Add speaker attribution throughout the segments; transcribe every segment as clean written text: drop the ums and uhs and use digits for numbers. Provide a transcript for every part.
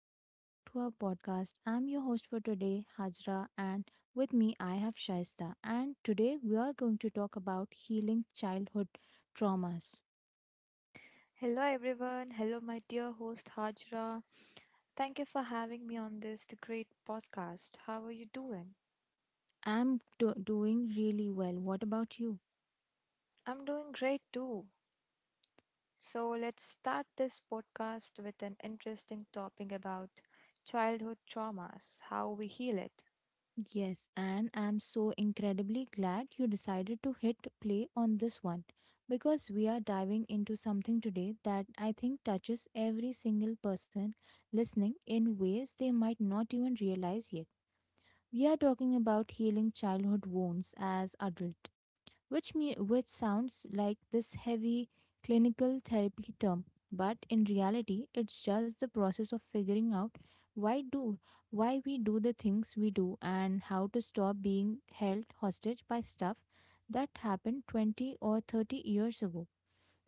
Speaker 1: Welcome back to our podcast. I'm your host for today, Hajra, and with me, I have Shaista. And today, we are going to talk about healing childhood traumas.
Speaker 2: Hello, everyone. Hello, my dear host Hajra. Thank you for having me on this the great podcast. How are you doing?
Speaker 1: I'm doing really well. What about you?
Speaker 2: I'm doing great too. So, let's start this podcast with an interesting topic about childhood traumas, how we heal it.
Speaker 1: Yes, and I'm so incredibly glad you decided to hit play on this one, because we are diving into something today that I think touches every single person listening in ways they might not even realize yet. We are talking about healing childhood wounds as adult, which sounds like this heavy clinical therapy term, but in reality, it's just the process of figuring out why do why we do the things we do and how to stop being held hostage by stuff that happened 20 or 30 years ago.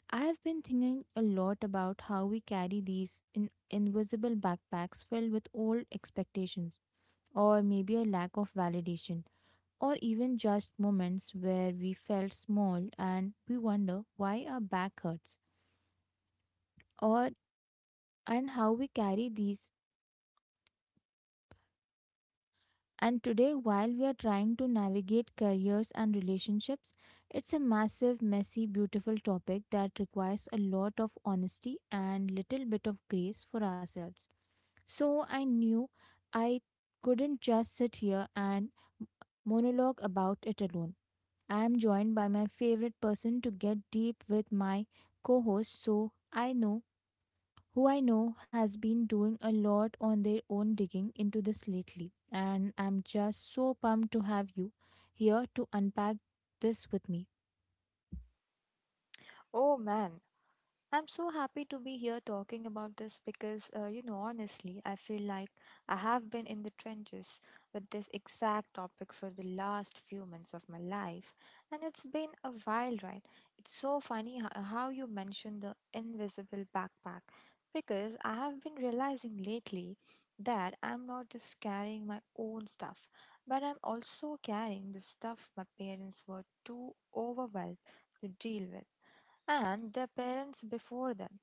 Speaker 1: I have been thinking a lot about how we carry these in invisible backpacks filled with old expectations, or maybe a lack of validation, or even just moments where we felt small and we wonder why our back hurts, or and how we carry these. And today, while we are trying to navigate careers and relationships, it's a massive, messy, beautiful topic that requires a lot of honesty and little bit of grace for ourselves. So I knew I couldn't just sit here and monologue about it alone. I am joined by my favorite person to get deep with, my co host, so I know who I know has been doing a lot on their own digging into this lately. And I'm just so pumped to have you here to unpack this with me.
Speaker 2: Oh man, I'm so happy to be here talking about this because, you know, honestly, I feel like I have been in the trenches with this exact topic for the last few months of my life, and it's been a wild ride. It's so funny how you mentioned the invisible backpack because I have been realizing lately that I'm not just carrying my own stuff, but I'm also carrying the stuff my parents were too overwhelmed to deal with, and their parents before them,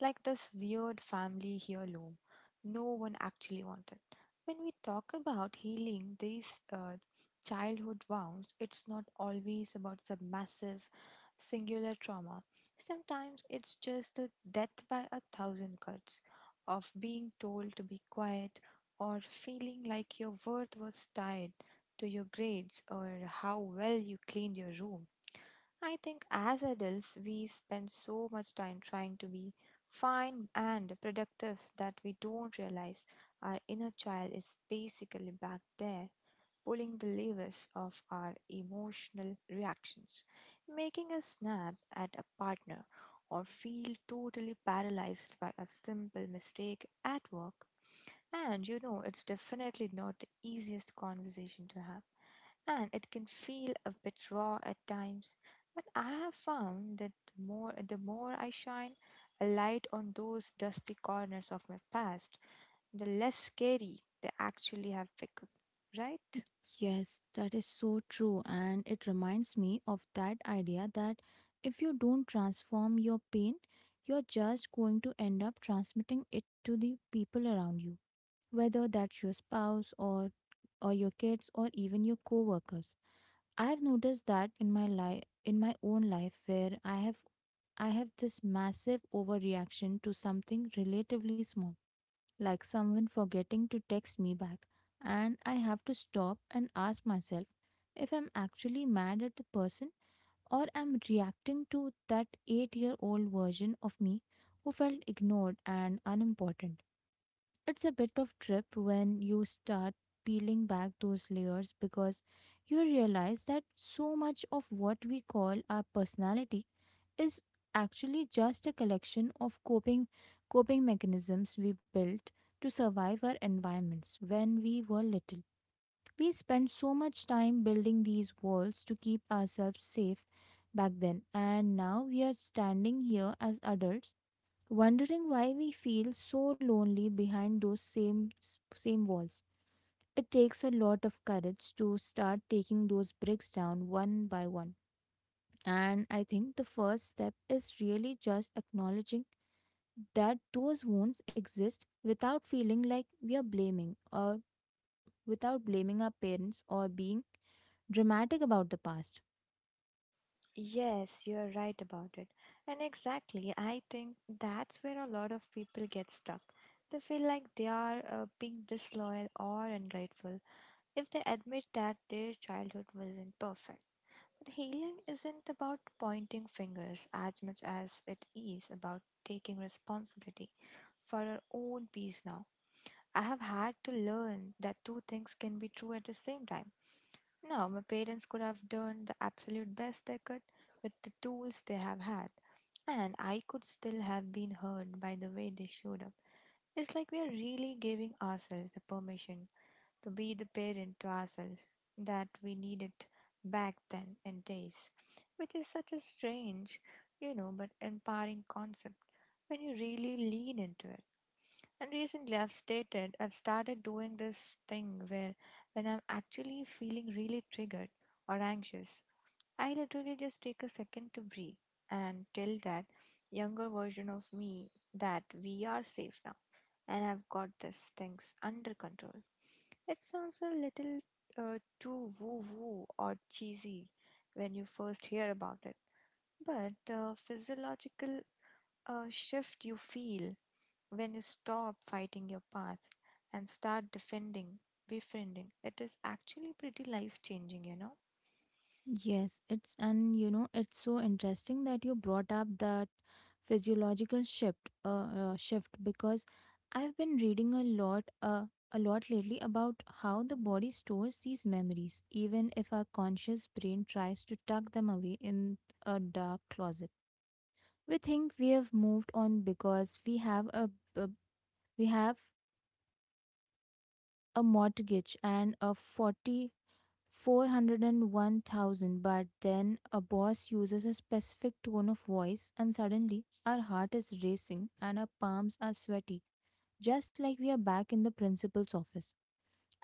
Speaker 2: like this weird family heirloom no one actually wanted. When we talk about healing these uh, childhood wounds, it's not always about some massive singular trauma. Sometimes it's just the death by a thousand cuts of being told to be quiet or feeling like your worth was tied to your grades or how well you cleaned your room. I think as adults, we spend so much time trying to be fine and productive that we don't realize our inner child is basically back there pulling the levers of our emotional reactions, making us snap at a partner or feel totally paralyzed by a simple mistake at work, and you know, it's definitely not the easiest conversation to have, and it can feel a bit raw at times. But I have found that the more I shine a light on those dusty corners of my past, the less scary they actually have become, right?
Speaker 1: Yes, that is so true. And it reminds me of that idea that if you don't transform your pain, you're just going to end up transmitting it to the people around you, whether that's your spouse or your kids or even your coworkers. I have noticed that in my own life, where I have this massive overreaction to something relatively small, like someone forgetting to text me back, and I have to stop and ask myself if I'm actually mad at the person or I'm reacting to that 8-year-old version of me who felt ignored and unimportant. It's a bit of trip when you start peeling back those layers, because you realize that so much of what we call our personality is actually just a collection of coping mechanisms we built to survive our environments when we were little. We spent so much time building these walls to keep ourselves safe back then, and now we are standing here as adults wondering why we feel so lonely behind those same walls. It takes a lot of courage to start taking those bricks down one by one. And I think the first step is really just acknowledging that those wounds exist without feeling like we are blaming or without blaming our parents or being dramatic about the past.
Speaker 2: Yes, you're right about it. And exactly, I think that's where a lot of people get stuck. They feel like they are being disloyal or ungrateful if they admit that their childhood wasn't perfect. But healing isn't about pointing fingers as much as it is about taking responsibility for our own peace now. I have had to learn that two things can be true at the same time. Now, my parents could have done the absolute best they could with the tools they have had, and I could still have been hurt by the way they showed up. It's like we are really giving ourselves the permission to be the parent to ourselves that we needed back then in days, which is such a strange, you know, but empowering concept when you really lean into it. And recently, I've started doing this thing where when I'm actually feeling really triggered or anxious, I literally just take a second to breathe and tell that younger version of me that we are safe now and I've got this things under control. It sounds a little too woo woo or cheesy when you first hear about it, but the physiological shift you feel when you stop fighting your past and start befriending, it is actually pretty life changing, you know.
Speaker 1: Yes, it's and it's so interesting that you brought up that physiological shift, because I've been reading a lot lately about how the body stores these memories, even if our conscious brain tries to tuck them away in a dark closet. We think we have moved on because a we have a mortgage and a forty 401,000. But then a boss uses a specific tone of voice, and suddenly our heart is racing and our palms are sweaty, just like we are back in the principal's office.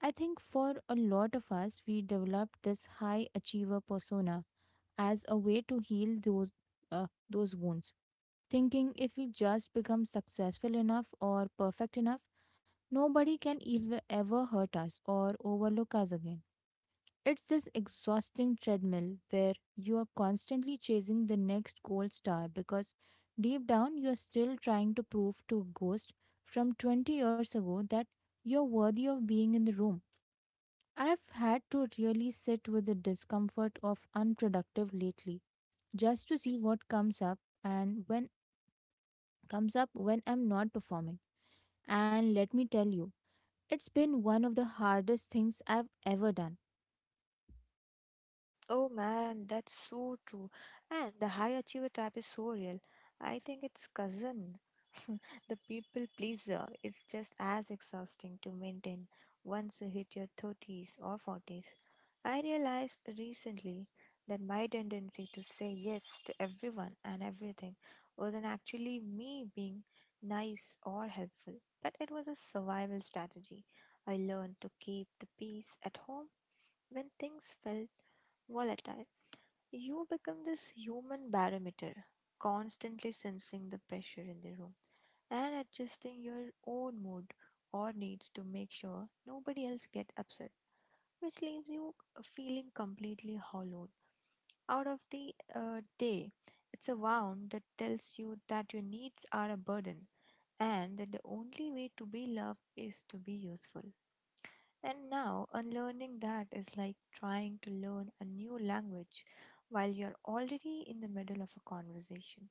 Speaker 1: I think for a lot of us, we developed this high achiever persona as a way to heal those wounds, thinking if we just become successful enough or perfect enough, nobody can ever hurt us or overlook us again. It's this exhausting treadmill where you are constantly chasing the next gold star, because deep down you are still trying to prove to a ghost from 20 years ago that you're worthy of being in the room. I have had to really sit with the discomfort of unproductive lately, just to see what comes up and when comes up when I'm not performing. And let me tell you, it's been one of the hardest things I've ever done.
Speaker 2: Oh man, that's so true. And the high achiever trap is so real. I think it's cousin. the people pleaser. It's just as exhausting to maintain once you hit your 30s or 40s. I realized recently that my tendency to say yes to everyone and everything wasn't actually me being nice or helpful, but it was a survival strategy. I learned to keep the peace at home when things felt volatile, you become this human barometer, constantly sensing the pressure in the room and adjusting your own mood or needs to make sure nobody else get upset, which leaves you feeling completely hollowed out of the day. It's a wound that tells you that your needs are a burden and that the only way to be loved is to be useful. And now, unlearning that is like trying to learn a new language while you're already in the middle of a conversation.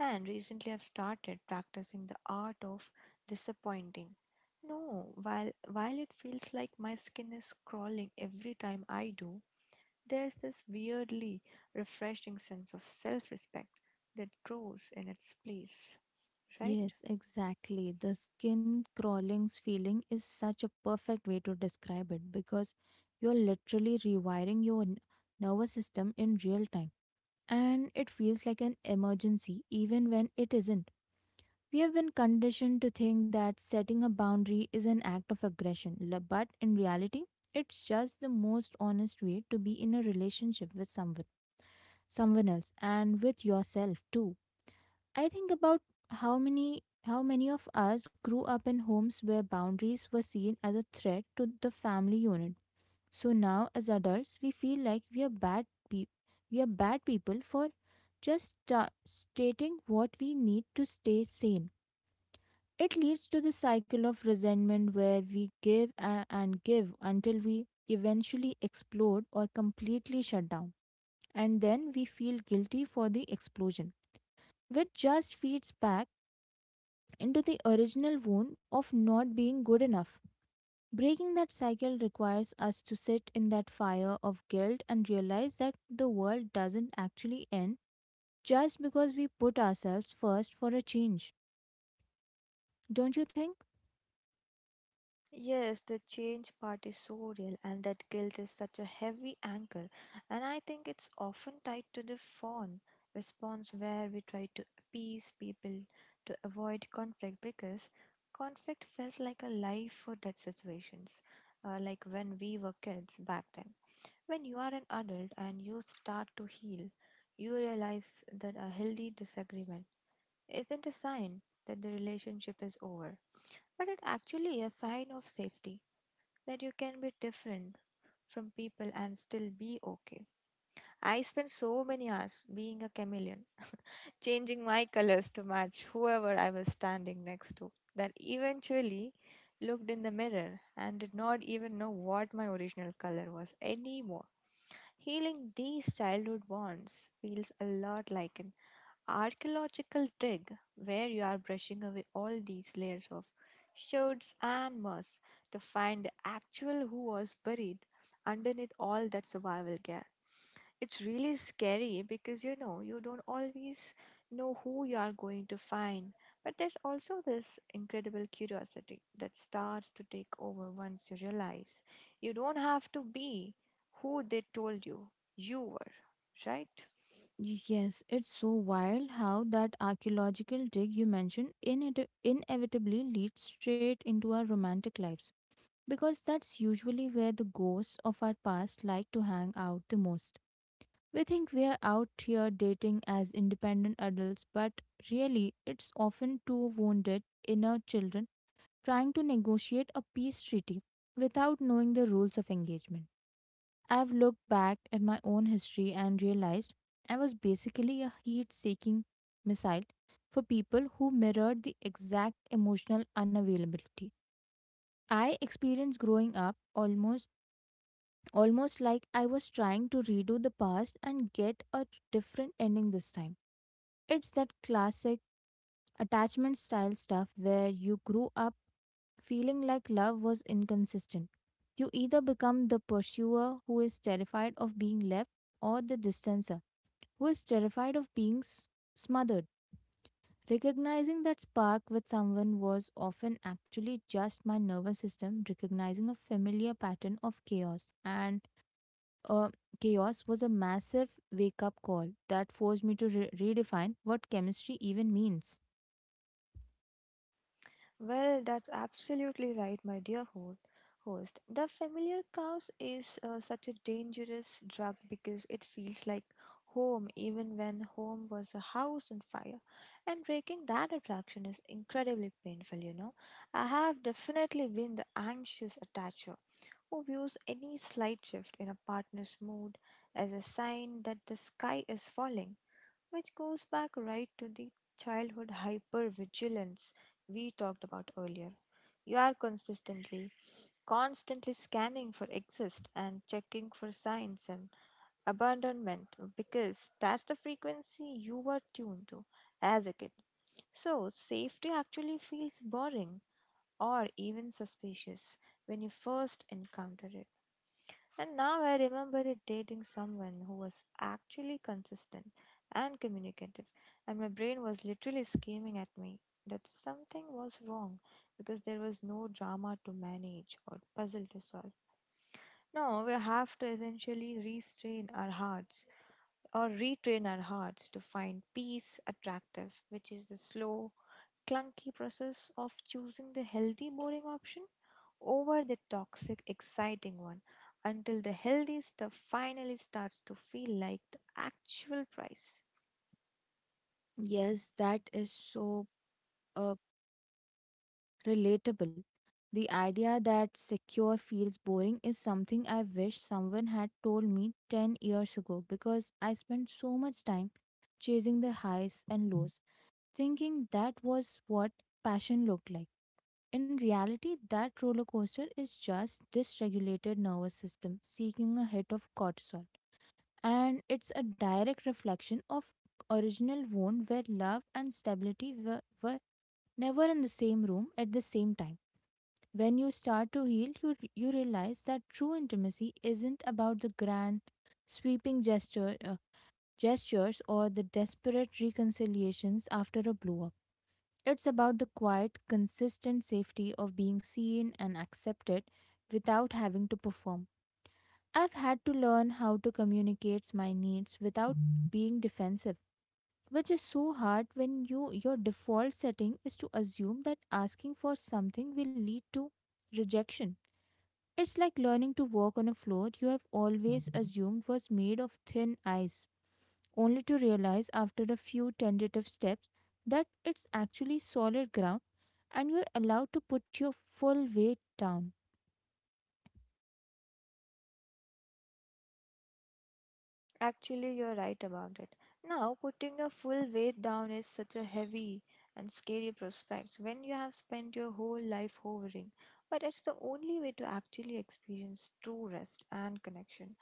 Speaker 2: And recently, I've started practicing the art of disappointing. No, while it feels like my skin is crawling every time I do, there's this weirdly refreshing sense of self respect that grows in its place, right?
Speaker 1: Yes, exactly. The skin crawlings feeling is such a perfect way to describe it, because you're literally rewiring your nervous system in real time. And it feels like an emergency even when it isn't. We have been conditioned to think that setting a boundary is an act of aggression, but in reality, it's just the most honest way to be in a relationship with someone else, and with yourself too. I think about how many of us grew up in homes where boundaries were seen as a threat to the family unit. So now as adults, we feel like we are bad people for just stating what we need to stay sane. It leads to the cycle of resentment where we give and give until we eventually explode or completely shut down. And then we feel guilty for the explosion, which just feeds back into the original wound of not being good enough. Breaking that cycle requires us to sit in that fire of guilt and realize that the world doesn't actually end just because we put ourselves first for a change. Don't you think?
Speaker 2: Yes, the change part is so real, and that guilt is such a heavy anchor. And I think it's often tied to the fawn response where we try to appease people to avoid conflict because conflict felt like a life or death situations, like when we were kids back then. When you are an adult and you start to heal, you realize that a healthy disagreement isn't a sign that the relationship is over, but it's actually a sign of safety that you can be different from people and still be okay. I spent so many hours being a chameleon changing my colors to match whoever I was standing next to, that eventually looked in the mirror and did not even know what my original color was anymore. Healing these childhood wounds feels a lot like an archaeological dig where you are brushing away all these layers of shirts and moss to find the actual who was buried underneath all that survival gear. It's really scary because you know you don't always know who you are going to find. But there's also this incredible curiosity that starts to take over once you realize you don't have to be who they told you you were, right?
Speaker 1: Yes, it's so wild how that archaeological dig you mentioned inevitably leads straight into our romantic lives, because that's usually where the ghosts of our past like to hang out the most. We think we are out here dating as independent adults, but really, it's often two wounded inner children trying to negotiate a peace treaty without knowing the rules of engagement. I've looked back at my own history and realized I was basically a heat seeking missile for people who mirrored the exact emotional unavailability I experienced growing up, almost like I was trying to redo the past and get a different ending this time. It's that classic attachment style stuff where you grew up feeling like love was inconsistent. You either become the pursuer who is terrified of being left, or the distancer who is terrified of being smothered. Recognizing that spark with someone was often actually just my nervous system recognizing a familiar pattern of uh, chaos was a massive wake up call that forced me to redefine what chemistry even means.
Speaker 2: Well, that's absolutely right, my dear host. The familiar cows is such a dangerous drug because it feels like home, even when home was a house on fire. And breaking that attraction is incredibly painful, you know. I have definitely been the anxious attacher who views any slight shift in a partner's mood as a sign that the sky is falling, which goes back right to the childhood hypervigilance we talked about earlier. You are constantly scanning for exist and checking for signs and abandonment because that's the frequency you were tuned to as a kid. So, safety actually feels boring or even suspicious when you first encounter it. And now I remember it dating someone who was actually consistent and communicative, and my brain was literally screaming at me that something was wrong because there was no drama to manage or puzzle to solve. No, we have to essentially restrain our hearts or retrain our hearts to find peace attractive, which is the slow, clunky process of choosing the healthy, boring option over the toxic, exciting one until the healthy stuff finally starts to feel like the actual price.
Speaker 1: Yes, that is so uh, relatable. The idea that secure feels boring is something I wish someone had told me 10 years ago, because I spent so much time chasing the highs and lows, thinking that was what passion looked like. In reality, that roller coaster is just dysregulated nervous system seeking a hit of cortisol. And it's a direct reflection of original wound where love and stability were never in the same room at the same time. When you start to heal you realize that true intimacy isn't about the grand sweeping gestures, or the desperate reconciliations after a blow up. It's about the quiet, consistent safety of being seen and accepted without having to perform. I've had to learn how to communicate my needs without being defensive, which is so hard when your default setting is to assume that asking for something will lead to rejection. It's like learning to walk on a floor you have always assumed was made of thin ice, only to realize after a few tentative steps that it's actually solid ground, and you're allowed to put your full weight down.
Speaker 2: Actually, you're right about it. Now, putting the full weight down is such a heavy and scary prospect when you have spent your whole life hovering, but it's the only way to actually experience true rest and connection.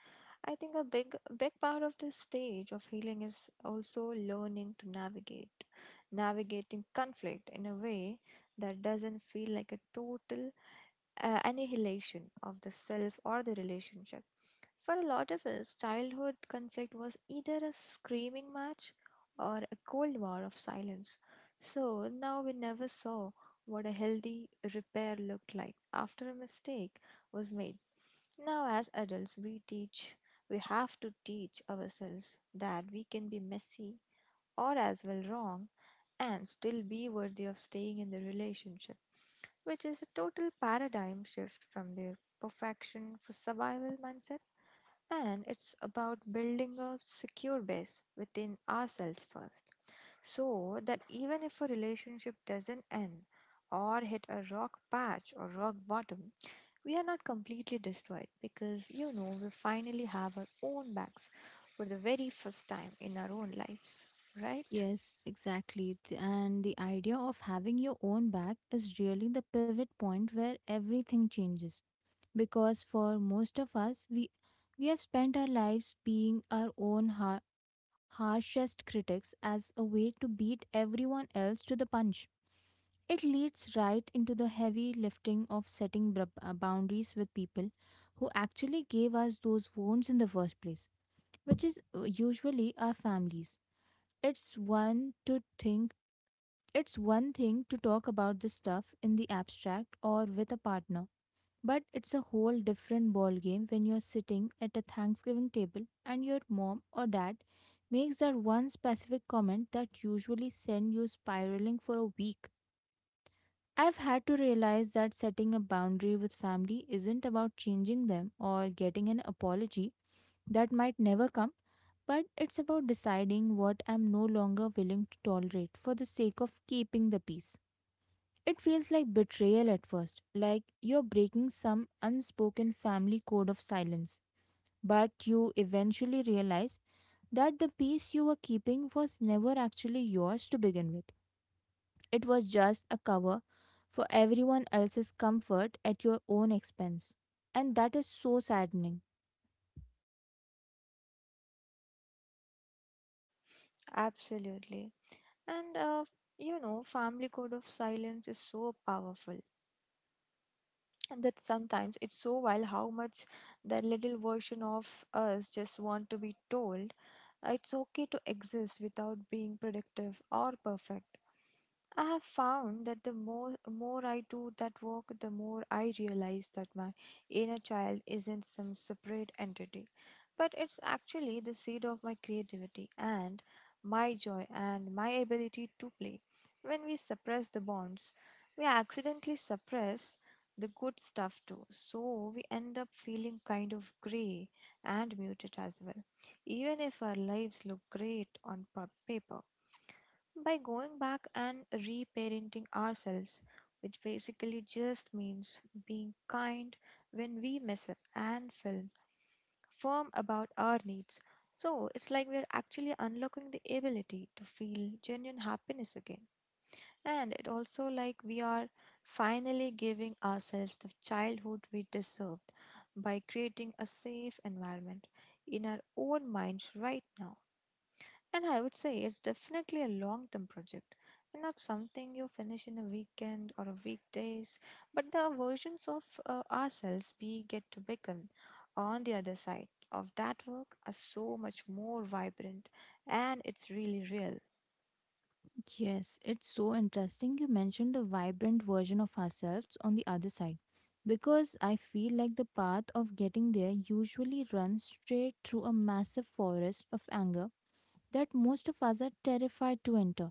Speaker 2: I think a big part of this stage of healing is also learning to navigate, navigating conflict in a way that doesn't feel like a total annihilation of the self or the relationship. For a lot of us, childhood conflict was either a screaming match or a cold war of silence. So now we never saw what a healthy repair looked like after a mistake was made. Now, as adults, we have to teach ourselves that we can be messy or as well wrong and still be worthy of staying in the relationship, which is a total paradigm shift from the perfection for survival mindset. And it's about building a secure base within ourselves first. So that even if a relationship doesn't end or hit a rock patch or rock bottom, we are not completely destroyed because you know we finally have our own backs for the very first time in our own lives, right?
Speaker 1: Yes, exactly. And the idea of having your own back is really the pivot point where everything changes. Because for most of us, we have spent our lives being our own harshest critics as a way to beat everyone else to the punch. It leads right into the heavy lifting of setting boundaries with people who actually gave us those wounds in the first place, which is usually our families. it's one to think it's one thing to talk about this stuff in the abstract or with a partner, but it's a whole different ballgame when you're sitting at a Thanksgiving table and your mom or dad makes that one specific comment that usually sends you spiraling for a week. I've had to realize that setting a boundary with family isn't about changing them or getting an apology that might never come, but it's about deciding what I'm no longer willing to tolerate for the sake of keeping the peace. It feels like betrayal at first, like you're breaking some unspoken family code of silence. But you eventually realize that the peace you were keeping was never actually yours to begin with. It was just a cover for everyone else's comfort at your own expense. And that is so saddening.
Speaker 2: Absolutely. And you know, family code of silence is so powerful that sometimes it's so wild how much that little version of us just want to be told it's okay to exist without being productive or perfect. I have found that the more I do that work, the more I realize that my inner child isn't some separate entity, but it's actually the seed of my creativity and my joy and my ability to play. When we suppress the bonds, we accidentally suppress the good stuff too. So we end up feeling kind of grey and muted as well, even if our lives look great on paper. By going back and reparenting ourselves, which basically just means being kind when we mess up and firm about our needs. So it's like we're actually unlocking the ability to feel genuine happiness again. And it also like we are finally giving ourselves the childhood we deserved by creating a safe environment in our own minds right now. And I would say it's definitely a long term project and not something you finish in a weekend or a weekdays, but the versions of ourselves we get to become on the other side of that work are so much more vibrant and it's really real.
Speaker 1: Yes, it's so interesting you mentioned the vibrant version of ourselves on the other side because I feel like the path of getting there usually runs straight through a massive forest of anger that most of us are terrified to enter.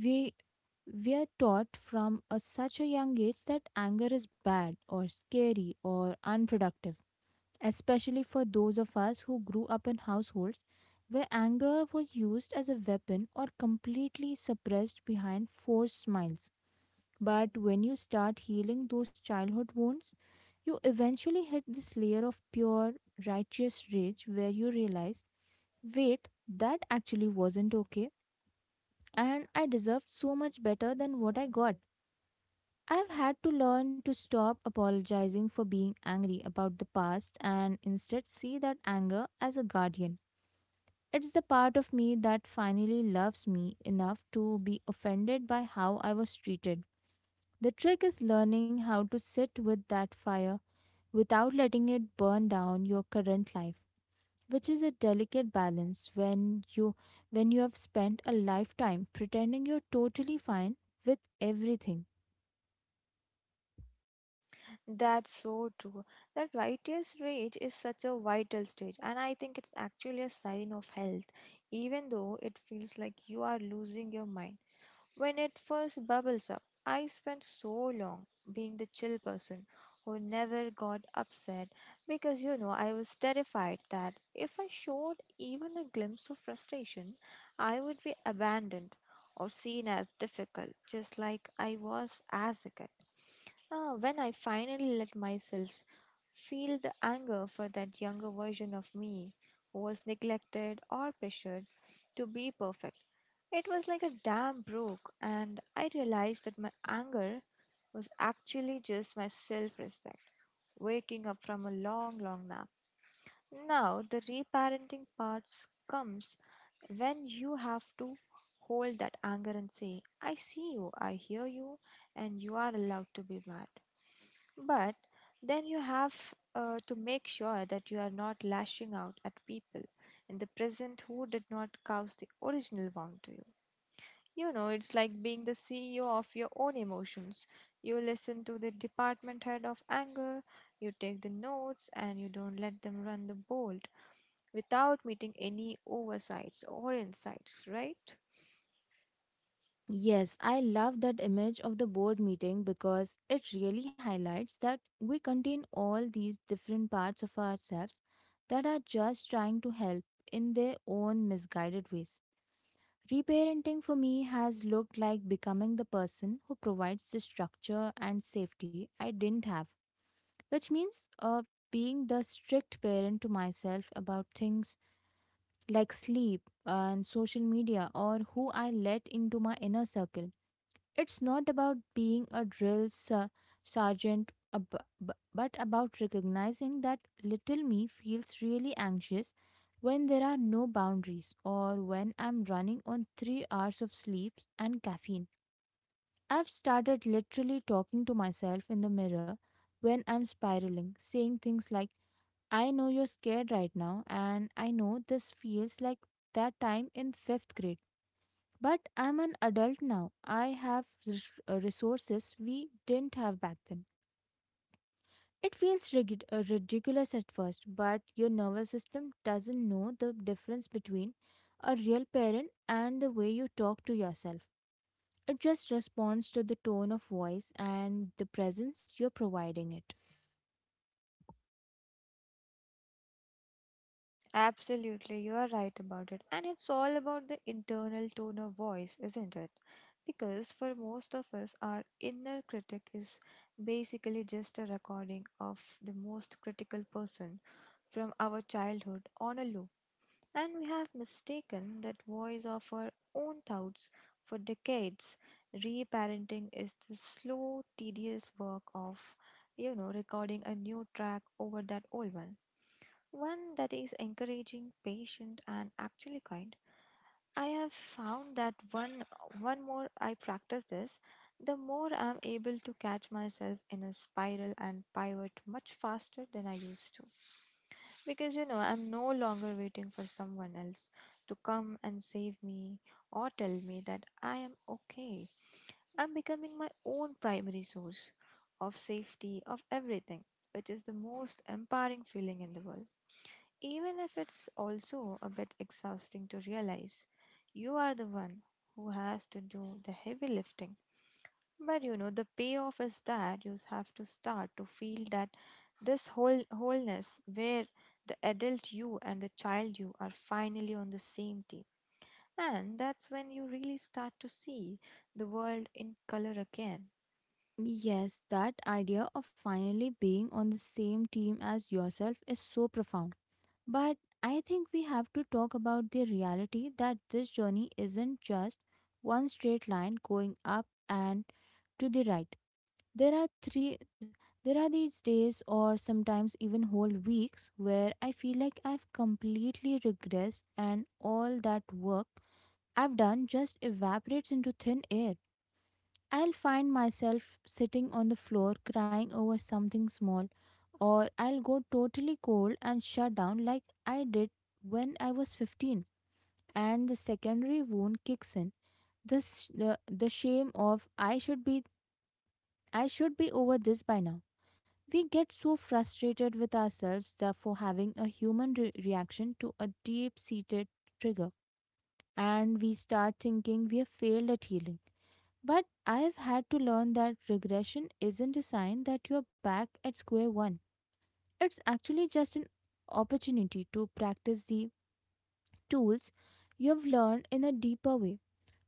Speaker 1: We we are taught from such a young age that anger is bad or scary or unproductive, especially for those of us who grew up in households where anger was used as a weapon or completely suppressed behind forced smiles. But when you start healing those childhood wounds, you eventually hit this layer of pure, righteous rage where you realize, wait, that actually wasn't okay, and I deserved so much better than what I got. I've had to learn to stop apologizing for being angry about the past and instead see that anger as a guardian. It's the part of me that finally loves me enough to be offended by how I was treated. The trick is learning how to sit with that fire without letting it burn down your current life, which is a delicate balance when you have spent a lifetime pretending you're totally fine with everything.
Speaker 2: That's so true. That writer's rage is such a vital stage, and I think it's actually a sign of health, even though it feels like you are losing your mind. When it first bubbles up, I spent so long being the chill person who never got upset because you know I was terrified that if I showed even a glimpse of frustration, I would be abandoned or seen as difficult, just like I was as a kid. When I finally let myself feel the anger for that younger version of me who was neglected or pressured to be perfect, it was like a dam broke, and I realized that my anger was actually just my self respect, waking up from a long, long nap. Now, the reparenting parts comes when you have to hold that anger and say, I see you, I hear you, and you are allowed to be mad. But then you have to make sure that you are not lashing out at people in the present who did not cause the original wound to you. You know, it's like being the CEO of your own emotions. You listen to the department head of anger, you take the notes, and you don't let them run the board without meeting any oversights or insights, right?
Speaker 1: Yes, I love that image of the board meeting because it really highlights that we contain all these different parts of ourselves that are just trying to help in their own misguided ways. Reparenting for me has looked like becoming the person who provides the structure and safety I didn't have, which means being the strict parent to myself about things like sleep and social media or who I let into my inner circle. It's not about being a sergeant, but about recognizing that little me feels really anxious when there are no boundaries or when I'm running on 3 hours of sleeps and caffeine. I've started literally talking to myself in the mirror when I'm spiraling, saying things like, I know you're scared right now, and I know this feels like that time in fifth grade, but I'm an adult now. I have resources we didn't have back then. It feels ridiculous at first, but your nervous system doesn't know the difference between a real parent and the way you talk to yourself. It just responds to the tone of voice and the presence you're providing it.
Speaker 2: Absolutely, you are right about it. And it's all about the internal tone of voice, isn't it? Because for most of us, our inner critic is basically just a recording of the most critical person from our childhood on a loop. And we have mistaken that voice of our own thoughts for decades. Reparenting is the slow, tedious work of, you know, recording a new track over that old one that is encouraging, patient, and actually kind. I have found that one more I practice this, the more I'm able to catch myself in a spiral and pivot much faster than I used to. Because you know, I'm no longer waiting for someone else to come and save me or tell me that I am okay. I'm becoming my own primary source of safety of everything, which is the most empowering feeling in the world even if it's also a bit exhausting to realize you are the one who has to do the heavy lifting. But you know, the payoff is that you have to start to feel that this whole wholeness where the adult you and the child you are finally on the same team. And that's when you really start to see the world in color again.
Speaker 1: Yes, that idea of finally being on the same team as yourself is so profound. But I think we have to talk about the reality that this journey isn't just one straight line going up and to the right. There are three there are these days or sometimes even whole weeks where I feel like I've completely regressed, and all that work I've done just evaporates into thin air. I'll find myself sitting on the floor crying over something small, or I'll go totally cold and shut down like I did when I was 15, and the secondary wound kicks in. The shame of I should be over this by now. We get so frustrated with ourselves that for having a human reaction to a deep seated trigger, and we start thinking we have failed at healing. But I've had to learn that regression isn't a sign that you're back at square one. It's actually just an opportunity to practice the tools you've learned in a deeper way.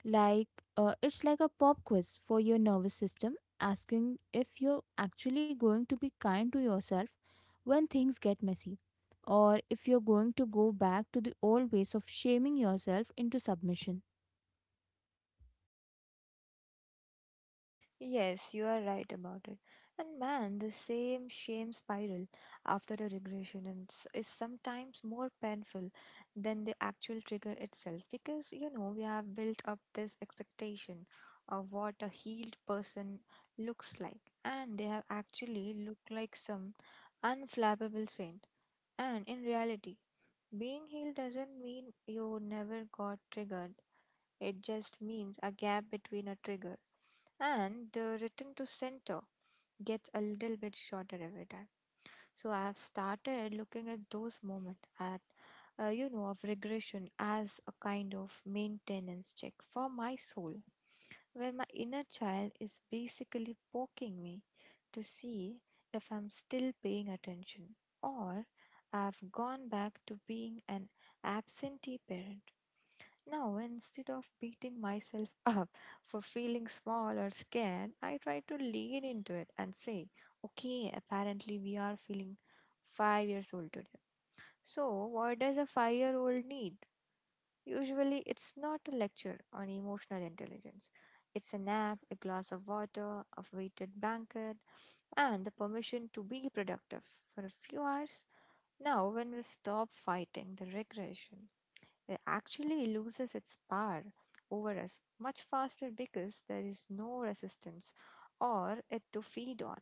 Speaker 1: Like, it's like a pop quiz for your nervous system, asking if you're actually going to be kind to yourself when things get messy, or if you're going to go back to the old ways of shaming yourself into submission.
Speaker 2: Yes, you are right about it. And man, the same shame spiral after a regression is sometimes more painful than the actual trigger itself because you know we have built up this expectation of what a healed person looks like, and they have actually looked like some unflappable saint. And in reality, being healed doesn't mean you never got triggered it just means a gap between a trigger and the return to center gets a little bit shorter every time. So I have started looking at those moments at you know of regression as a kind of maintenance check for my soul, where my inner child is basically poking me to see if I'm still paying attention or I've gone back to being an absentee parent now, instead of beating myself up for feeling small or scared, I try to lean into it and say, okay, apparently we are feeling 5 years old today. So, what does a 5 year old need? Usually, it's not a lecture on emotional intelligence. It's a nap, a glass of water, a weighted blanket, and the permission to be productive for a few hours. Now, when we stop fighting the regression it actually loses its power over us much faster because there is no resistance or it to feed on,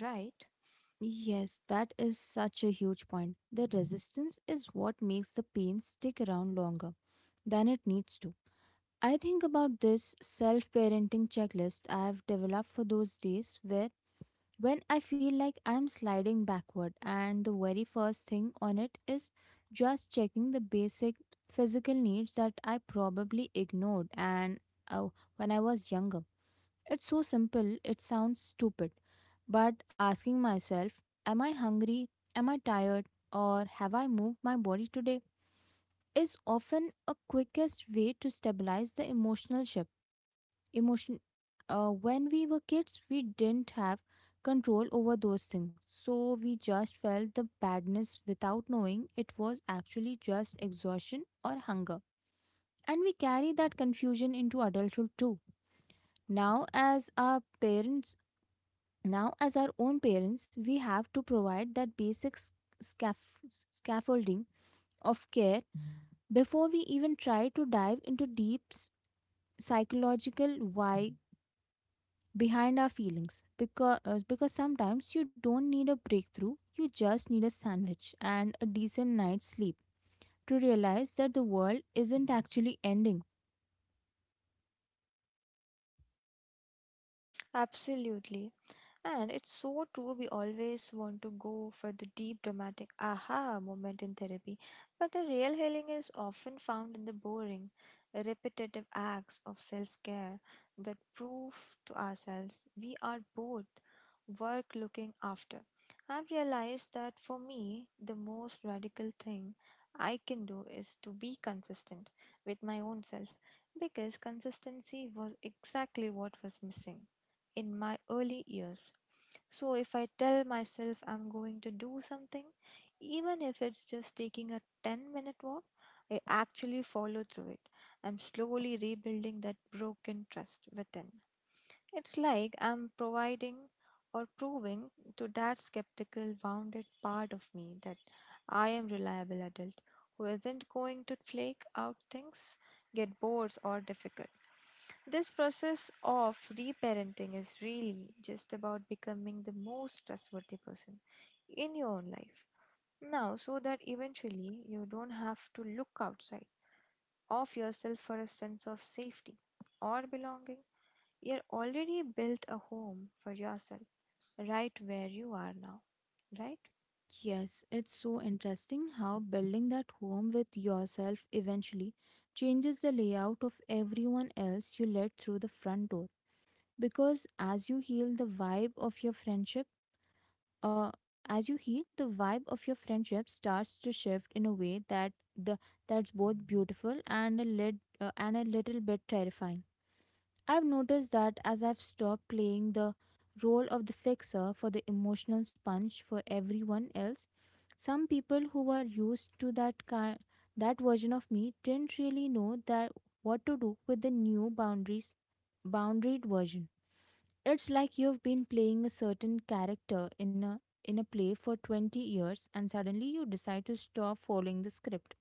Speaker 2: right?
Speaker 1: Yes, that is such a huge point. The resistance is what makes the pain stick around longer than it needs to. I think about this self parenting checklist I've developed for those days when I feel like I'm sliding backward, and the very first thing on it is just checking the basic physical needs that I probably ignored and uh, when I was younger. It's so simple, it sounds stupid, but asking myself, am I hungry? Am I tired? Or have I moved my body today? Is often a quickest way to stabilize the emotional ship. Emotion When we were kids, we didn't have control over those things. So we just felt the badness without knowing it was actually just exhaustion or hunger. And we carry that confusion into adulthood too. Now, as our parents Now, as our own parents, we have to provide that basic scaffolding of care before we even try to dive into deep psychological why behind our feelings. Because sometimes you don't need a breakthrough, you just need a sandwich and a decent night's sleep to realize that the world isn't actually ending.
Speaker 2: Absolutely. And it's so true, we always want to go for the deep, dramatic aha moment in therapy, but the real healing is often found in the boring, repetitive acts of self care that prove to ourselves we are both worth looking after. I've realized that for me, the most radical thing I can do is to be consistent with my own self because consistency was exactly what was missing in my early years so if I tell myself I'm going to do something, even if it's just taking a 10-minute walk, I actually follow through it. I'm slowly rebuilding that broken trust within. It's like I'm providing or proving to that skeptical, wounded part of me that I am reliable adult who isn't going to flake out things, get bored or difficult. This process of reparenting is really just about becoming the most trustworthy person in your own life. Now, so that eventually you don't have to look outside of yourself for a sense of safety or belonging. You're already built a home for yourself right where you are now, right?
Speaker 1: Yes, it's so interesting how building that home with yourself eventually changes the layout of everyone else you let through the front door. Because as you heal the vibe of your friendship, uh, as you heal, the vibe of your friendship starts to shift in a way that the that's both beautiful and a and a little bit terrifying. I've noticed that as I've stopped playing the role of the fixer for the emotional sponge for everyone else, some people who were used to that version of me didn't really know that what to do with the new boundaries boundaried version. It's like you've been playing a certain character in a play for 20 years, and suddenly you decide to stop following the script.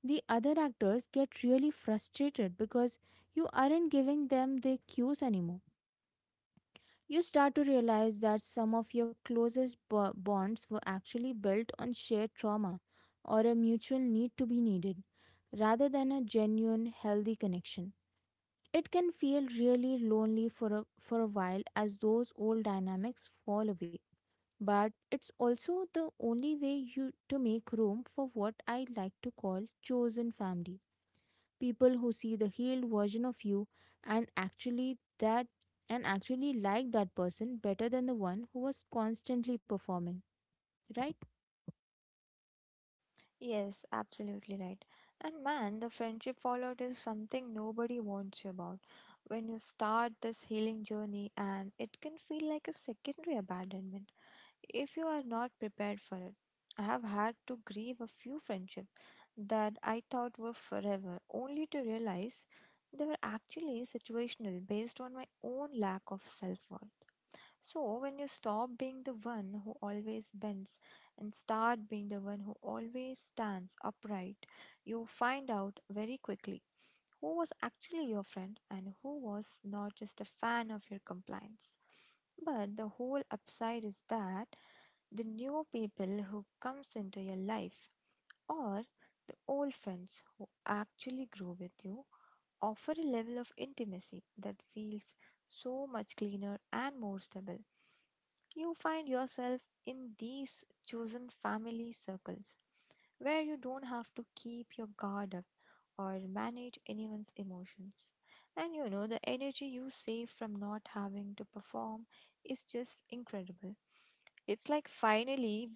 Speaker 1: The other actors get really frustrated because you aren't giving them the cues anymore. You start to realize that some of your closest bonds were actually built on shared trauma or a mutual need to be needed rather than a genuine healthy connection. It can feel really lonely for for a while as those old dynamics fall away, but it's also the only way you to make room for what I like to call chosen family, people who see the healed version of you and actually that and actually like that person better than the one who was constantly performing, right?
Speaker 2: Yes, absolutely right. And man, the friendship fallout is something nobody warns you about. When you start this healing journey, and it can feel like a secondary abandonment if you are not prepared for it. I have had to grieve a few friendships that I thought were forever, only to realize they were actually situational based on my own lack of self worth. So, when you stop being the one who always bends and start being the one who always stands upright, you find out very quickly who was actually your friend and who was not just a fan of your compliance. But the whole upside is that the new people who comes into your life or the old friends who actually grew with you offer a level of intimacy that feels so much cleaner and more stable you find yourself in these chosen family circles where you don't have to keep your guard up or manage anyone's emotions. And you know, the energy you save from not having to perform is just incredible. It's like finally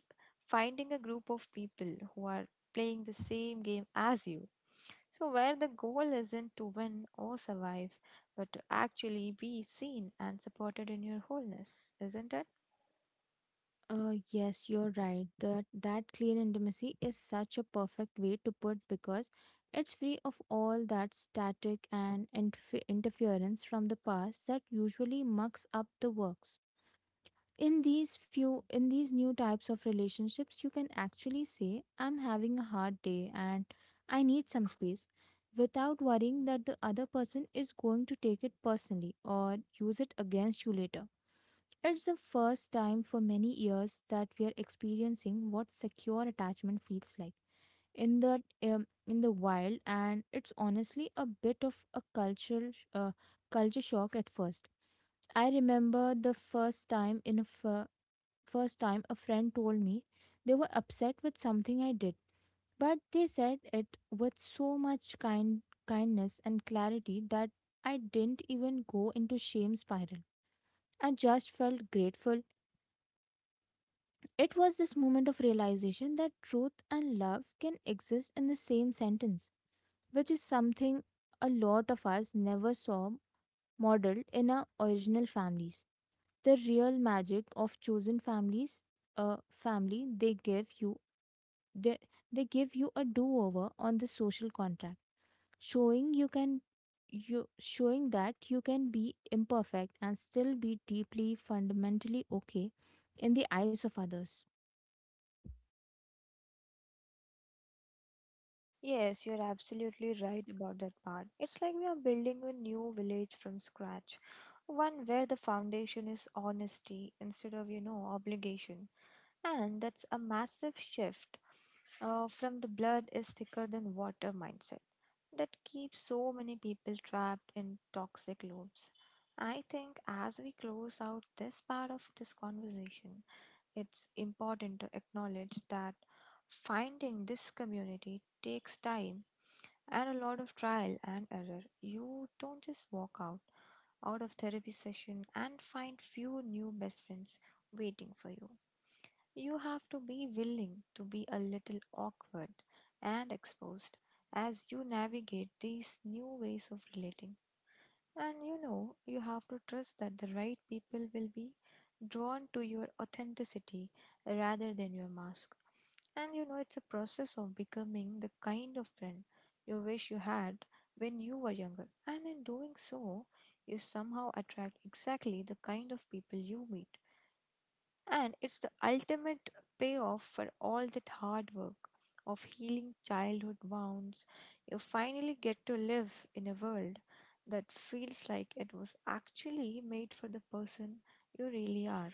Speaker 2: finding a group of people who are playing the same game as you. So, where the goal isn't to win or survive, but to actually be seen and supported in your wholeness, isn't it?
Speaker 1: Yes, you're right that that clean intimacy is such a perfect way to put, because it's free of all that static and interference from the past that usually mucks up the works. In these few in these new types of relationships, you can actually say, I'm having a hard day and I need some space, without worrying that the other person is going to take it personally or use it against you later. It's the first time for many years that we are experiencing what secure attachment feels like in the wild, and it's honestly a bit of a culture shock at first. I remember the first time in a f- first time a friend told me they were upset with something I did, but they said it with so much kindness and clarity that I didn't even go into shame spiral. I just felt grateful. It was this moment of realization that truth and love can exist in the same sentence, which is something a lot of us never saw modeled in our original families. The real magic of chosen families, a family They, they give you a do-over on the social contract, showing you can you showing that you can be imperfect and still be deeply fundamentally okay in the eyes of others.
Speaker 2: Yes, you're absolutely right about that part. It's like we are building a new village from scratch, one where the foundation is honesty instead of, you know, obligation. And that's a massive shift from the blood is thicker than water mindset that keeps so many people trapped in toxic loops. I think as we close out this part of this conversation, it's important to acknowledge that finding this community takes time and a lot of trial and error. You don't just walk out of therapy session and find few new best friends waiting for you. You have to be willing to be a little awkward and exposed as you navigate these new ways of relating. And you know, you have to trust that the right people will be drawn to your authenticity rather than your mask. And you know, it's a process of becoming the kind of friend you wish you had when you were younger. And in doing so, you somehow attract exactly the kind of people you meet and it's the ultimate payoff for all that hard work of healing childhood wounds. You finally get to live in a world that feels like it was actually made for the person you really are.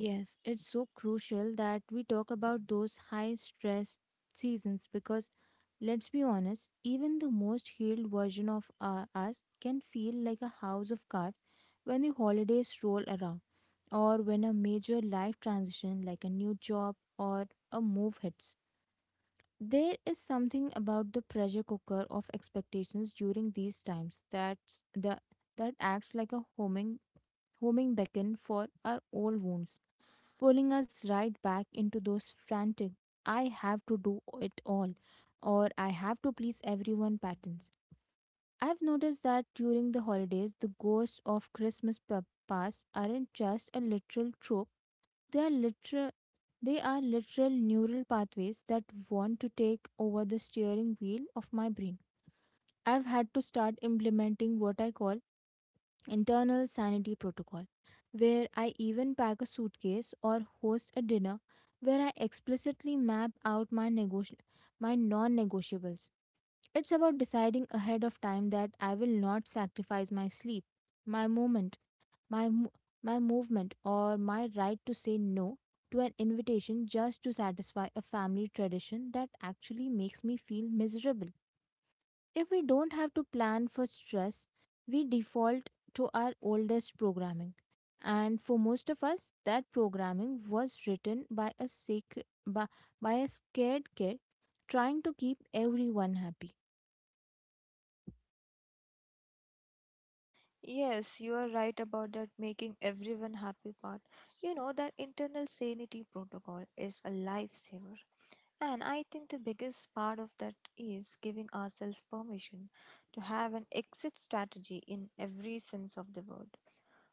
Speaker 1: Yes, it's so crucial that we talk about those high stress seasons because, let's be honest, even the most healed version of us can feel like a house of cards when the holidays roll around or when a major life transition like a new job or a move hits. There is something about the pressure cooker of expectations during these times that acts like a homing beacon for our old wounds, pulling us right back into those frantic, I have to do it all or I have to please everyone patterns. I've noticed that during the holidays, the ghosts of past aren't just a literal trope, they are literal. They are literal neural pathways that want to take over the steering wheel of my brain. I've had to start implementing what I call internal sanity protocol, where I even pack a suitcase or host a dinner where I explicitly map out my my non-negotiables. It's about deciding ahead of time that I will not sacrifice my sleep, my moment, my mo- my movement, or my right to say no to an invitation just to satisfy a family tradition that actually makes me feel miserable. If we don't have to plan for stress, we default to our oldest programming. And for most of us, that programming was written by by a scared kid trying to keep everyone happy.
Speaker 2: Yes, you are right about that making everyone happy part. You know, that internal sanity protocol is a lifesaver. And I think the biggest part of that is giving ourselves permission to have an exit strategy in every sense of the word.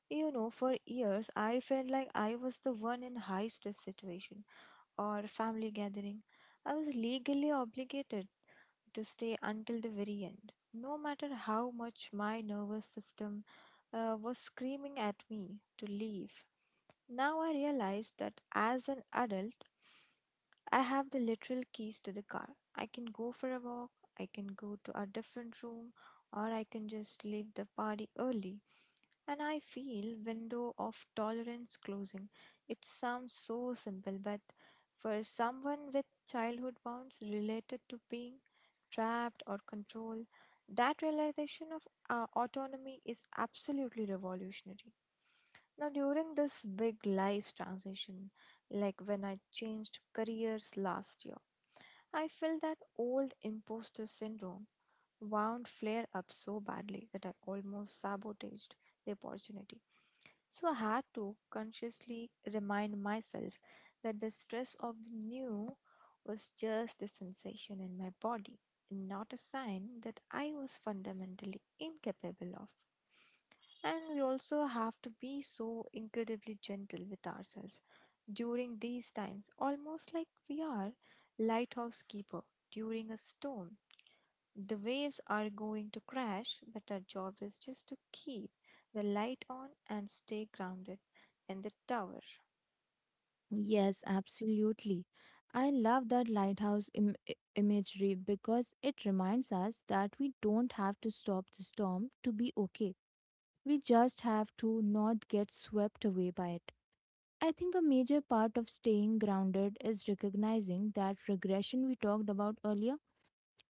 Speaker 2: You know, for years I felt like I was the one in high stress situation or family gathering. I was legally obligated to stay until the very end, no matter how much my nervous system was screaming at me to leave. Now I realize that as an adult, I have the literal keys to the car. I can go for a walk, I can go to a different room, or I can just leave the party early. And I feel window of tolerance closing. It sounds so simple, but for someone with childhood wounds related to being trapped or controlled, that realization of autonomy is absolutely revolutionary. Now, during this big life transition, like when I changed careers last year, I felt that old imposter syndrome wound flare up so badly that I almost sabotaged the opportunity. So I had to consciously remind myself that the stress of the new was just a sensation in my body and not a sign that I was fundamentally incapable of. And we also have to be so incredibly gentle with ourselves during these times, almost like we are lighthouse keeper during a storm. The waves are going to crash, but our job is just to keep the light on and stay grounded in the tower.
Speaker 1: Yes, absolutely. I love that imagery because it reminds us that we don't have to stop the storm to be okay. We just have to not get swept away by it. I think a major part of staying grounded is recognizing that regression we talked about earlier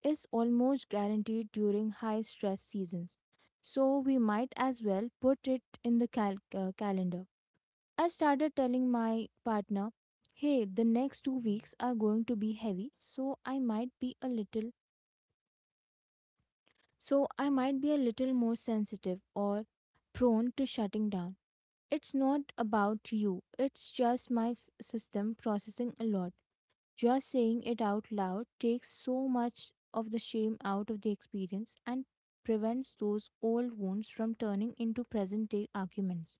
Speaker 1: is almost guaranteed during high stress seasons. So we might as well put it in the calendar. I've started telling my partner, "Hey, the next 2 weeks are going to be heavy, so I might be a little more sensitive or prone to shutting down. It's not about you. It's just my system processing a lot. Just saying it out loud takes so much of the shame out of the experience and prevents those old wounds from turning into present day arguments.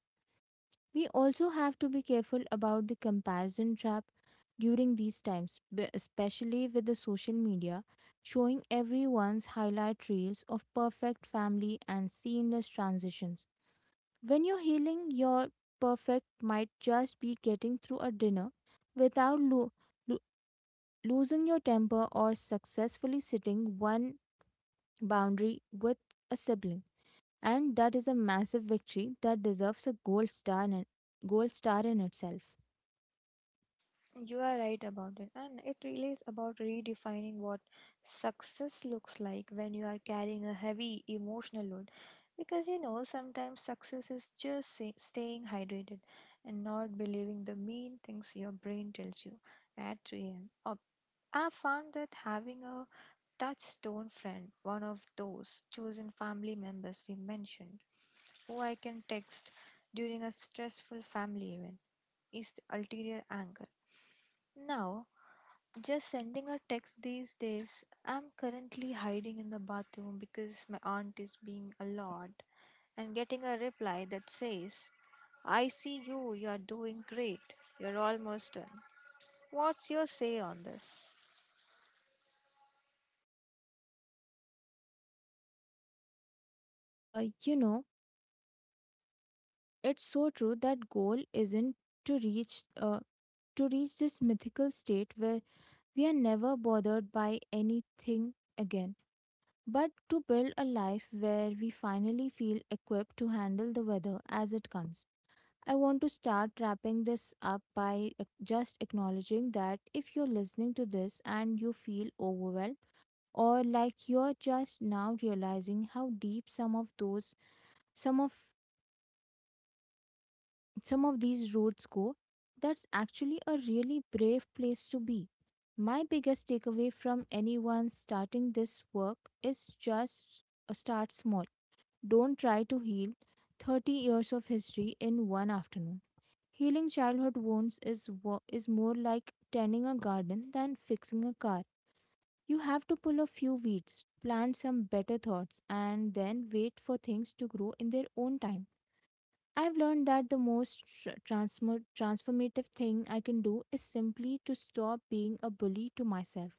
Speaker 1: We also have to be careful about the comparison trap during these times, especially with the social media showing everyone's highlight reels of perfect family and seamless transitions. When you're healing, your perfect might just be getting through a dinner without losing your temper, or successfully setting one boundary with a sibling. And that is a massive victory that deserves a gold star in itself.
Speaker 2: You are right about it, and it really is about redefining what success looks like when you are carrying a heavy emotional load. Because sometimes success is just staying hydrated and not believing the mean things your brain tells you at 3 a.m. I found that having a touchstone friend, one of those chosen family members we mentioned, who I can text during a stressful family event, is the ulterior angle. Now, just sending a text these days, I'm currently hiding in the bathroom because my aunt is being a lot, and getting a reply that says, I see you, you are doing great, you're almost done. What's your say on this?
Speaker 1: Uh, you know, it's so true that goal isn't to reach uh, to reach this mythical state where we are never bothered by anything again, but to build a life where we finally feel equipped to handle the weather as it comes. I want to start wrapping this up by just acknowledging that if you're listening to this and you feel overwhelmed or like you're just now realizing how deep some of those some of some of these roots go, that's actually a really brave place to be. My biggest takeaway from anyone starting this work is just start small. Don't try to heal 30 years of history in one afternoon. Healing childhood wounds is more like tending a garden than fixing a car. You have to pull a few weeds, plant some better thoughts, and then wait for things to grow in their own time. I've learned that the most transformative thing I can do is simply to stop being a bully to myself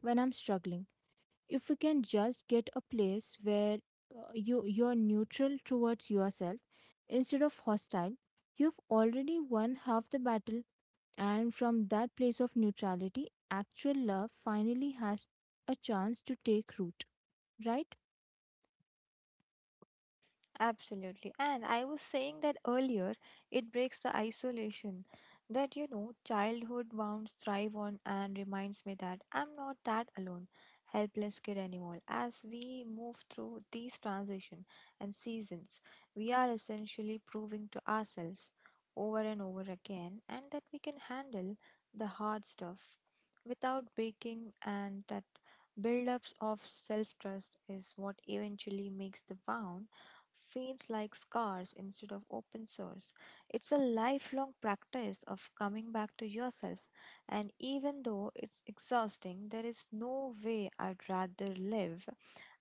Speaker 1: when I'm struggling. If we can just get a place where you're neutral towards yourself instead of hostile, you've already won half the battle, and from that place of neutrality actual love finally has a chance to take root, right?
Speaker 2: Absolutely. And I was saying that earlier, it breaks the isolation that, you know, childhood wounds thrive on and reminds me that I'm not that alone, helpless kid anymore. As we move through these transition and seasons, we are essentially proving to ourselves over and over again and that we can handle the hard stuff without breaking, and that build-ups of self-trust is what eventually makes the wound feels like scars instead of open source. It's a lifelong practice of coming back to yourself, and even though it's exhausting, there is no way I'd rather live.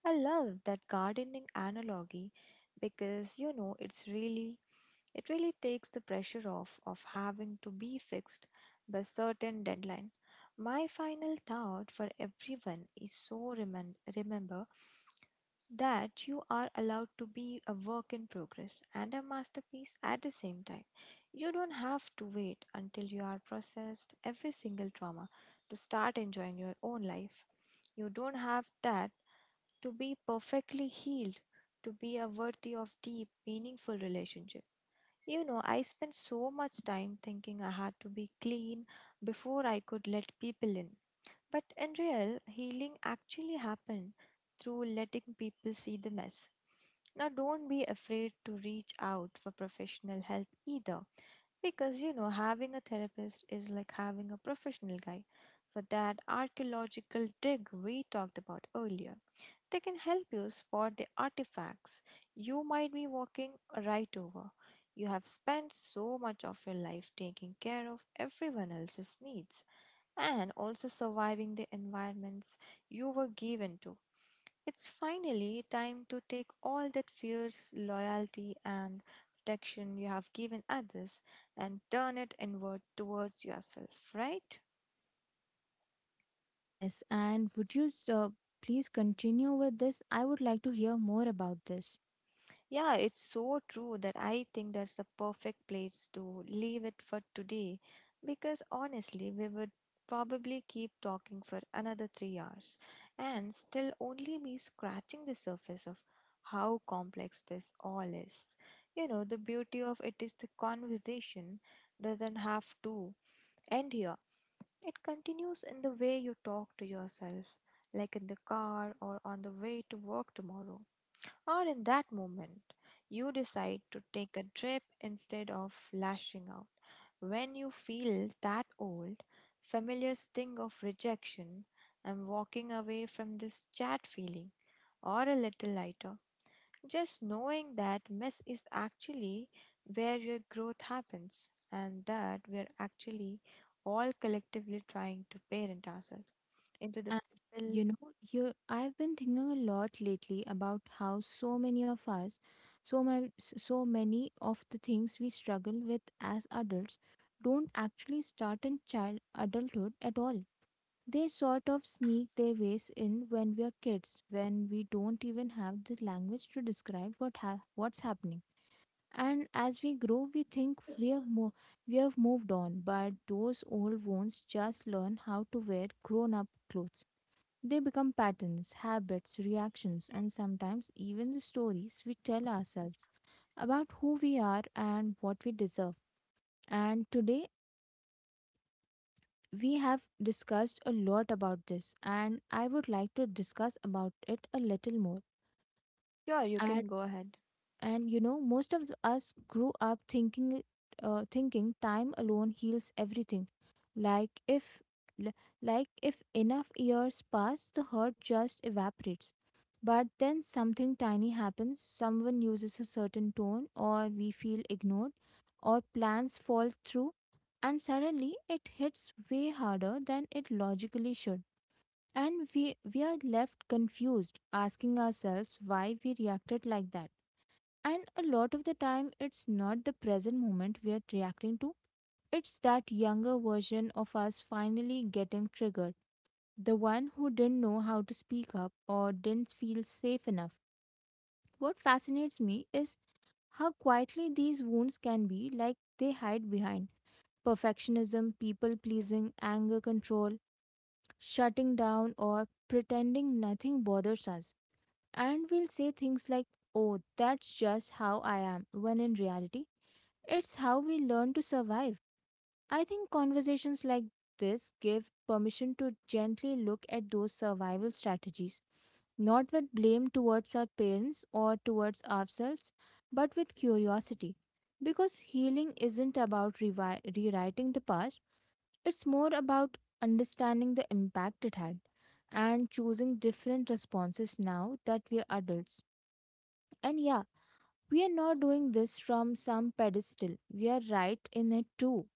Speaker 2: I love that gardening analogy because it really takes the pressure off of having to be fixed by certain deadline. My final thought for everyone is so remember that you are allowed to be a work in progress and a masterpiece at the same time. You don't have to wait until you are processed every single trauma to start enjoying your own life. You don't have that to be perfectly healed to be a worthy of deep, meaningful relationship. I spent so much time thinking I had to be clean before I could let people in. But in real, healing actually happened through letting people see the mess. Now, don't be afraid to reach out for professional help either, because having a therapist is like having a professional guy for that archaeological dig we talked about earlier. They can help you spot the artifacts you might be walking right over. You have spent so much of your life taking care of everyone else's needs and also surviving the environments you were given to. It's finally time to take all that fierce loyalty and protection you have given others and turn it inward towards yourself, right?
Speaker 1: Yes, and would you please continue with this? I would like to hear more about this.
Speaker 2: Yeah, it's so true that I think that's the perfect place to leave it for today because honestly, we would probably keep talking for another 3 hours and still only be scratching the surface of how complex this all is. The beauty of it is the conversation doesn't have to end here, it continues in the way you talk to yourself, like in the car or on the way to work tomorrow. Or in that moment, you decide to take a trip instead of lashing out. When you feel that old, familiar sting of rejection, I'm walking away from this chat feeling, or a little lighter, just knowing that mess is actually where your growth happens and that we're actually all collectively trying to parent ourselves into the
Speaker 1: And
Speaker 2: pill.
Speaker 1: you know, you I've been thinking a lot lately about how so many of the things we struggle with as adults don't actually start in child adulthood at all. They sort of sneak their ways in when we are kids, when we don't even have the language to describe what's happening. And as we grow, we think we have moved on, but those old wounds just learn how to wear grown up clothes. They become patterns, habits, reactions, and sometimes even the stories we tell ourselves about who we are and what we deserve. And today we have discussed a lot about this, and I would like to discuss about it a little more.
Speaker 2: Sure, you
Speaker 1: And
Speaker 2: can go ahead.
Speaker 1: and you know, most of us grew up thinking time alone heals everything, like if li- like if enough years pass the hurt just evaporates. But then something tiny happens: someone uses a certain tone, or we feel ignored, or plans fall through, and suddenly it hits way harder than it logically should, and we are left confused asking ourselves why we reacted like that. And a lot of the time, it's not the present moment we are reacting to, it's that younger version of us finally getting triggered. The one who didn't know how to speak up or didn't feel safe enough. What fascinates me is how quietly these wounds can be, like they hide behind perfectionism, people pleasing, anger control, shutting down, or pretending nothing bothers us. And we'll say things like, "Oh, that's just how I am," when in reality, it's how we learn to survive. I think conversations like this give permission to gently look at those survival strategies, not with blame towards our parents or towards ourselves, but with curiosity. Because healing isn't about rewriting the past, it's more about understanding the impact it had and choosing different responses now that we're adults. And yeah, we are not doing this from some pedestal. We are right in it too.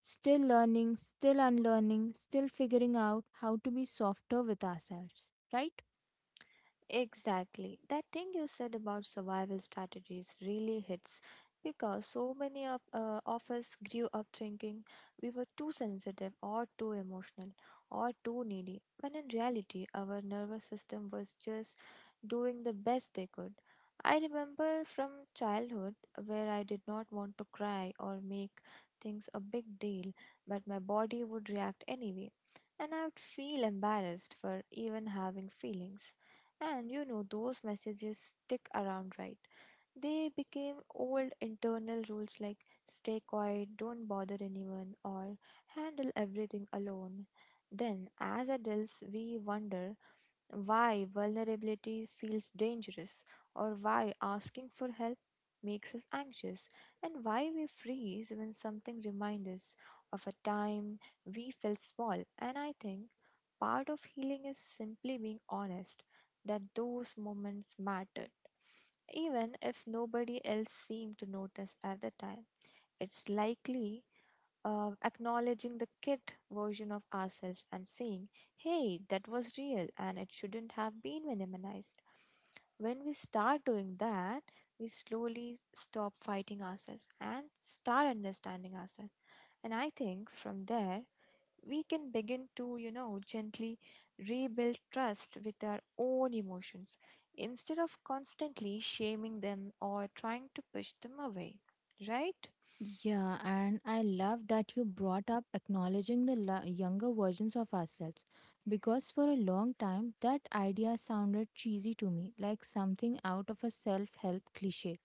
Speaker 1: Still learning, still unlearning, still figuring out how to be softer with ourselves, right?
Speaker 2: Exactly. That thing you said about survival strategies really hits because so many of us grew up thinking we were too sensitive or too emotional or too needy, when in reality, our nervous system was just doing the best they could. I remember from childhood where I did not want to cry or make things a big deal, but my body would react anyway, and I would feel embarrassed for even having feelings. And those messages stick around, right? They became old internal rules like stay quiet, don't bother anyone, or handle everything alone. Then, as adults, we wonder why vulnerability feels dangerous, or why asking for help makes us anxious, and why we freeze when something reminds us of a time we felt small. And I think part of healing is simply being honest that those moments mattered, even if nobody else seemed to notice at the time. It's likely acknowledging the kid version of ourselves and saying, hey, that was real and it shouldn't have been minimized. When we start doing that, we slowly stop fighting ourselves and start understanding ourselves. And I think from there, we can begin to, gently rebuild trust with our own emotions instead of constantly shaming them or trying to push them away, right?
Speaker 1: Yeah, and I love that you brought up acknowledging the younger versions of ourselves, because for a long time that idea sounded cheesy to me, like something out of a self help cliche.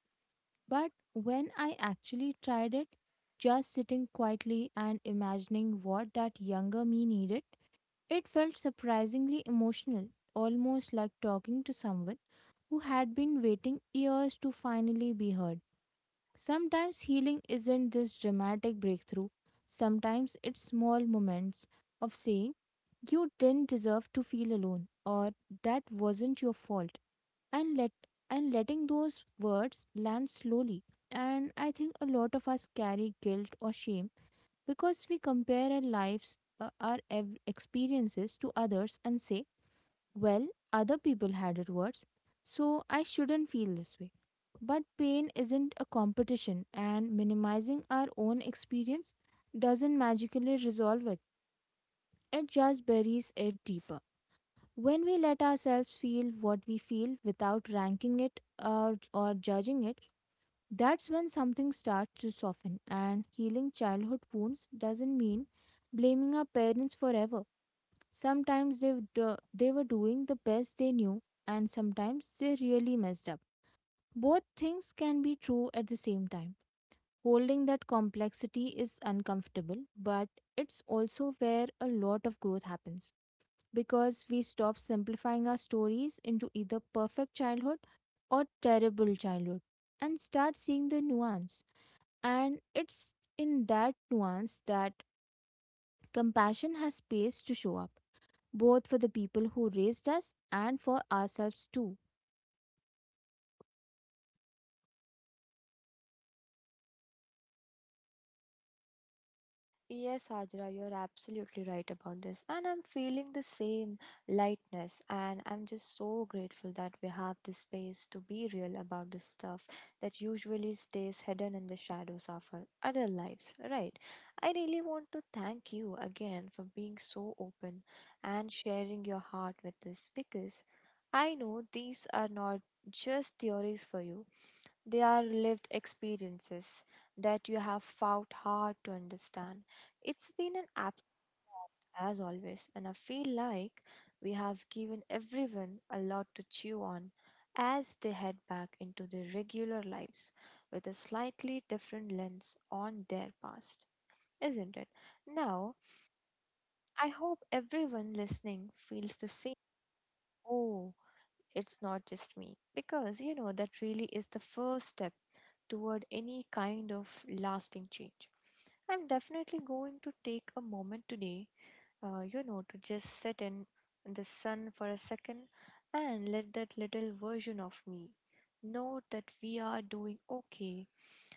Speaker 1: But when I actually tried it, just sitting quietly and imagining what that younger me needed, it felt surprisingly emotional, almost like talking to someone who had been waiting years to finally be heard. Sometimes healing isn't this dramatic breakthrough, sometimes it's small moments of saying, "You didn't deserve to feel alone," or "that wasn't your fault," and let and letting those words land slowly. And I think a lot of us carry guilt or shame because we compare our lives, experiences to others and say, well, other people had it worse, so I shouldn't feel this way. But pain isn't a competition, and minimizing our own experience doesn't magically resolve it, it just buries it deeper. When we let ourselves feel what we feel without ranking it or judging it, that's when something starts to soften. And healing childhood wounds doesn't mean blaming our parents forever. Sometimes they were doing the best they knew, and sometimes they really messed up. Both things can be true at the same time. Holding that complexity is uncomfortable, but it's also where a lot of growth happens, because we stop simplifying our stories into either perfect childhood or terrible childhood and start seeing the nuance. And it's in that nuance that compassion has space to show up, both for the people who raised us and for ourselves too.
Speaker 2: Yes, Hajra, you're absolutely right about this. And I'm feeling the same lightness. And I'm just so grateful that we have this space to be real about the stuff that usually stays hidden in the shadows of our other lives, right? I really want to thank you again for being so open and sharing your heart with us because I know these are not just theories for you, they are lived experiences that you have fought hard to understand. It's been an absolute as always, and I feel like we have given everyone a lot to chew on as they head back into their regular lives with a slightly different lens on their past, isn't it? Now, I hope everyone listening feels the same. Oh, it's not just me. Because, that really is the first step toward any kind of lasting change. I'm definitely going to take a moment today, to just sit in the sun for a second and let that little version of me know that we are doing okay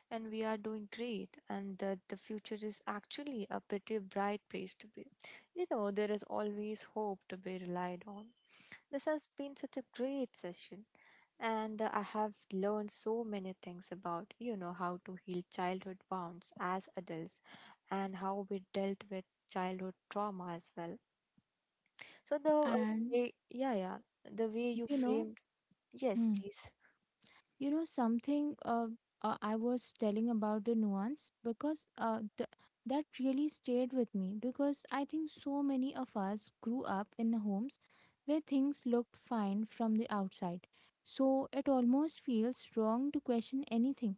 Speaker 2: and we are doing great and that the future is actually a pretty bright place to be. There is always hope to be relied on. This has been such a great session and I have learned so many things about, how to heal childhood wounds as adults and how we dealt with childhood trauma as well. So the
Speaker 1: And
Speaker 2: way, the way you
Speaker 1: you know,
Speaker 2: framed, yes,
Speaker 1: hmm.
Speaker 2: please.
Speaker 1: you know something uh, I was telling about the nuance because that really stayed with me, because I think so many of us grew up in homes where things looked fine from the outside, so it almost feels wrong to question anything.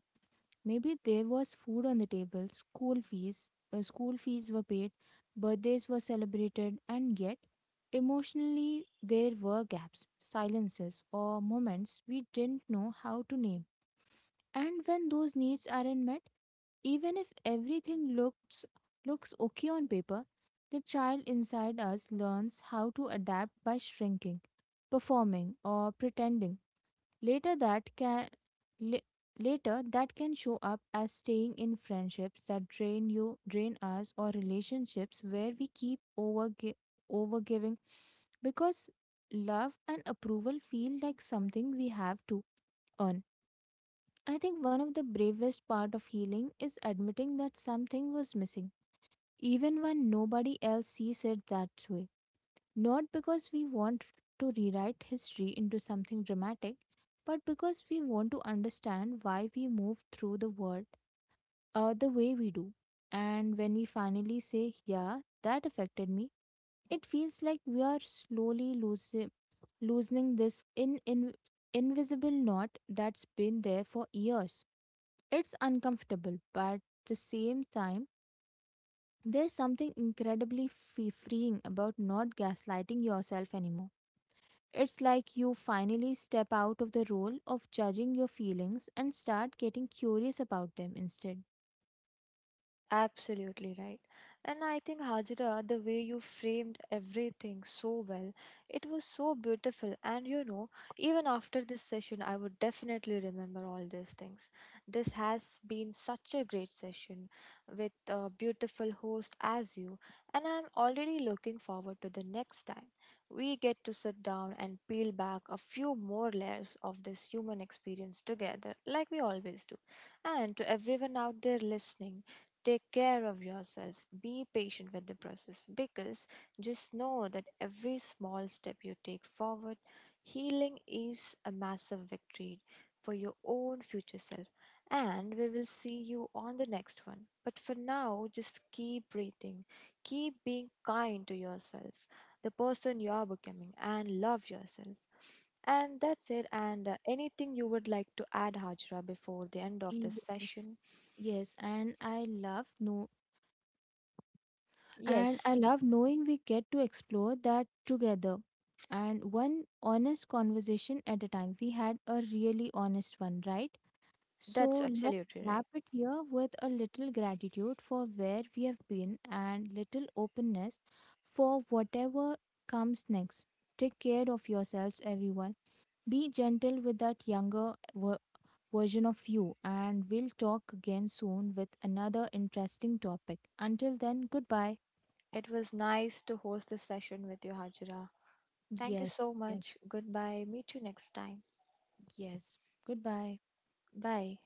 Speaker 1: Maybe there was food on the table, school fees were paid, birthdays were celebrated, and yet emotionally, there were gaps, silences, or moments we didn't know how to name. And when those needs aren't met, even if everything looks okay on paper, the child inside us learns how to adapt by shrinking, performing, or pretending. later that can la- Later that can show up as staying in friendships that drain us, or relationships where we keep overgiving, because love and approval feel like something we have to earn. I think one of the bravest part of healing is admitting that something was missing, even when nobody else sees it that way. Not because we want to rewrite history into something dramatic, but because we want to understand why we move through the world the way we do. And when we finally say, yeah, that affected me, it feels like we are loosening this invisible knot that's been there for years. It's uncomfortable, but at the same time, there's something incredibly freeing about not gaslighting yourself anymore. It's like you finally step out of the role of judging your feelings and start getting curious about them instead.
Speaker 2: Absolutely right. And I think Hajra, the way you framed everything so well, it was so beautiful. And even after this session, I would definitely remember all these things. This has been such a great session with a beautiful host as you. And I'm already looking forward to the next time we get to sit down and peel back a few more layers of this human experience together, like we always do. And to everyone out there listening, take care of yourself. Be patient with the process because just know that every small step you take forward, healing is a massive victory for your own future self. And we will see you on the next one. But for now, just keep breathing, keep being kind to yourself, the person you are becoming, and love yourself. And that's it. And anything you would like to add, Hajra, before the end of this
Speaker 1: Yes.
Speaker 2: session?
Speaker 1: Yes, and I love know and
Speaker 2: Yes,
Speaker 1: I love knowing we get to explore that together. And one honest conversation at a time. We had a really honest one, right?
Speaker 2: that's
Speaker 1: So let's
Speaker 2: absolutely
Speaker 1: wrap
Speaker 2: right.
Speaker 1: it here with a little gratitude for where we have been and little openness for whatever comes next. Take care of yourselves, everyone. Be gentle with that younger version of you, and we'll talk again soon with another interesting topic. Until then, goodbye.
Speaker 2: It was nice to host this session with you, Hajira. Thank you
Speaker 1: Yes,
Speaker 2: so
Speaker 1: yes,
Speaker 2: much. Goodbye. Meet you next time.
Speaker 1: yes. Goodbye.
Speaker 2: Bye.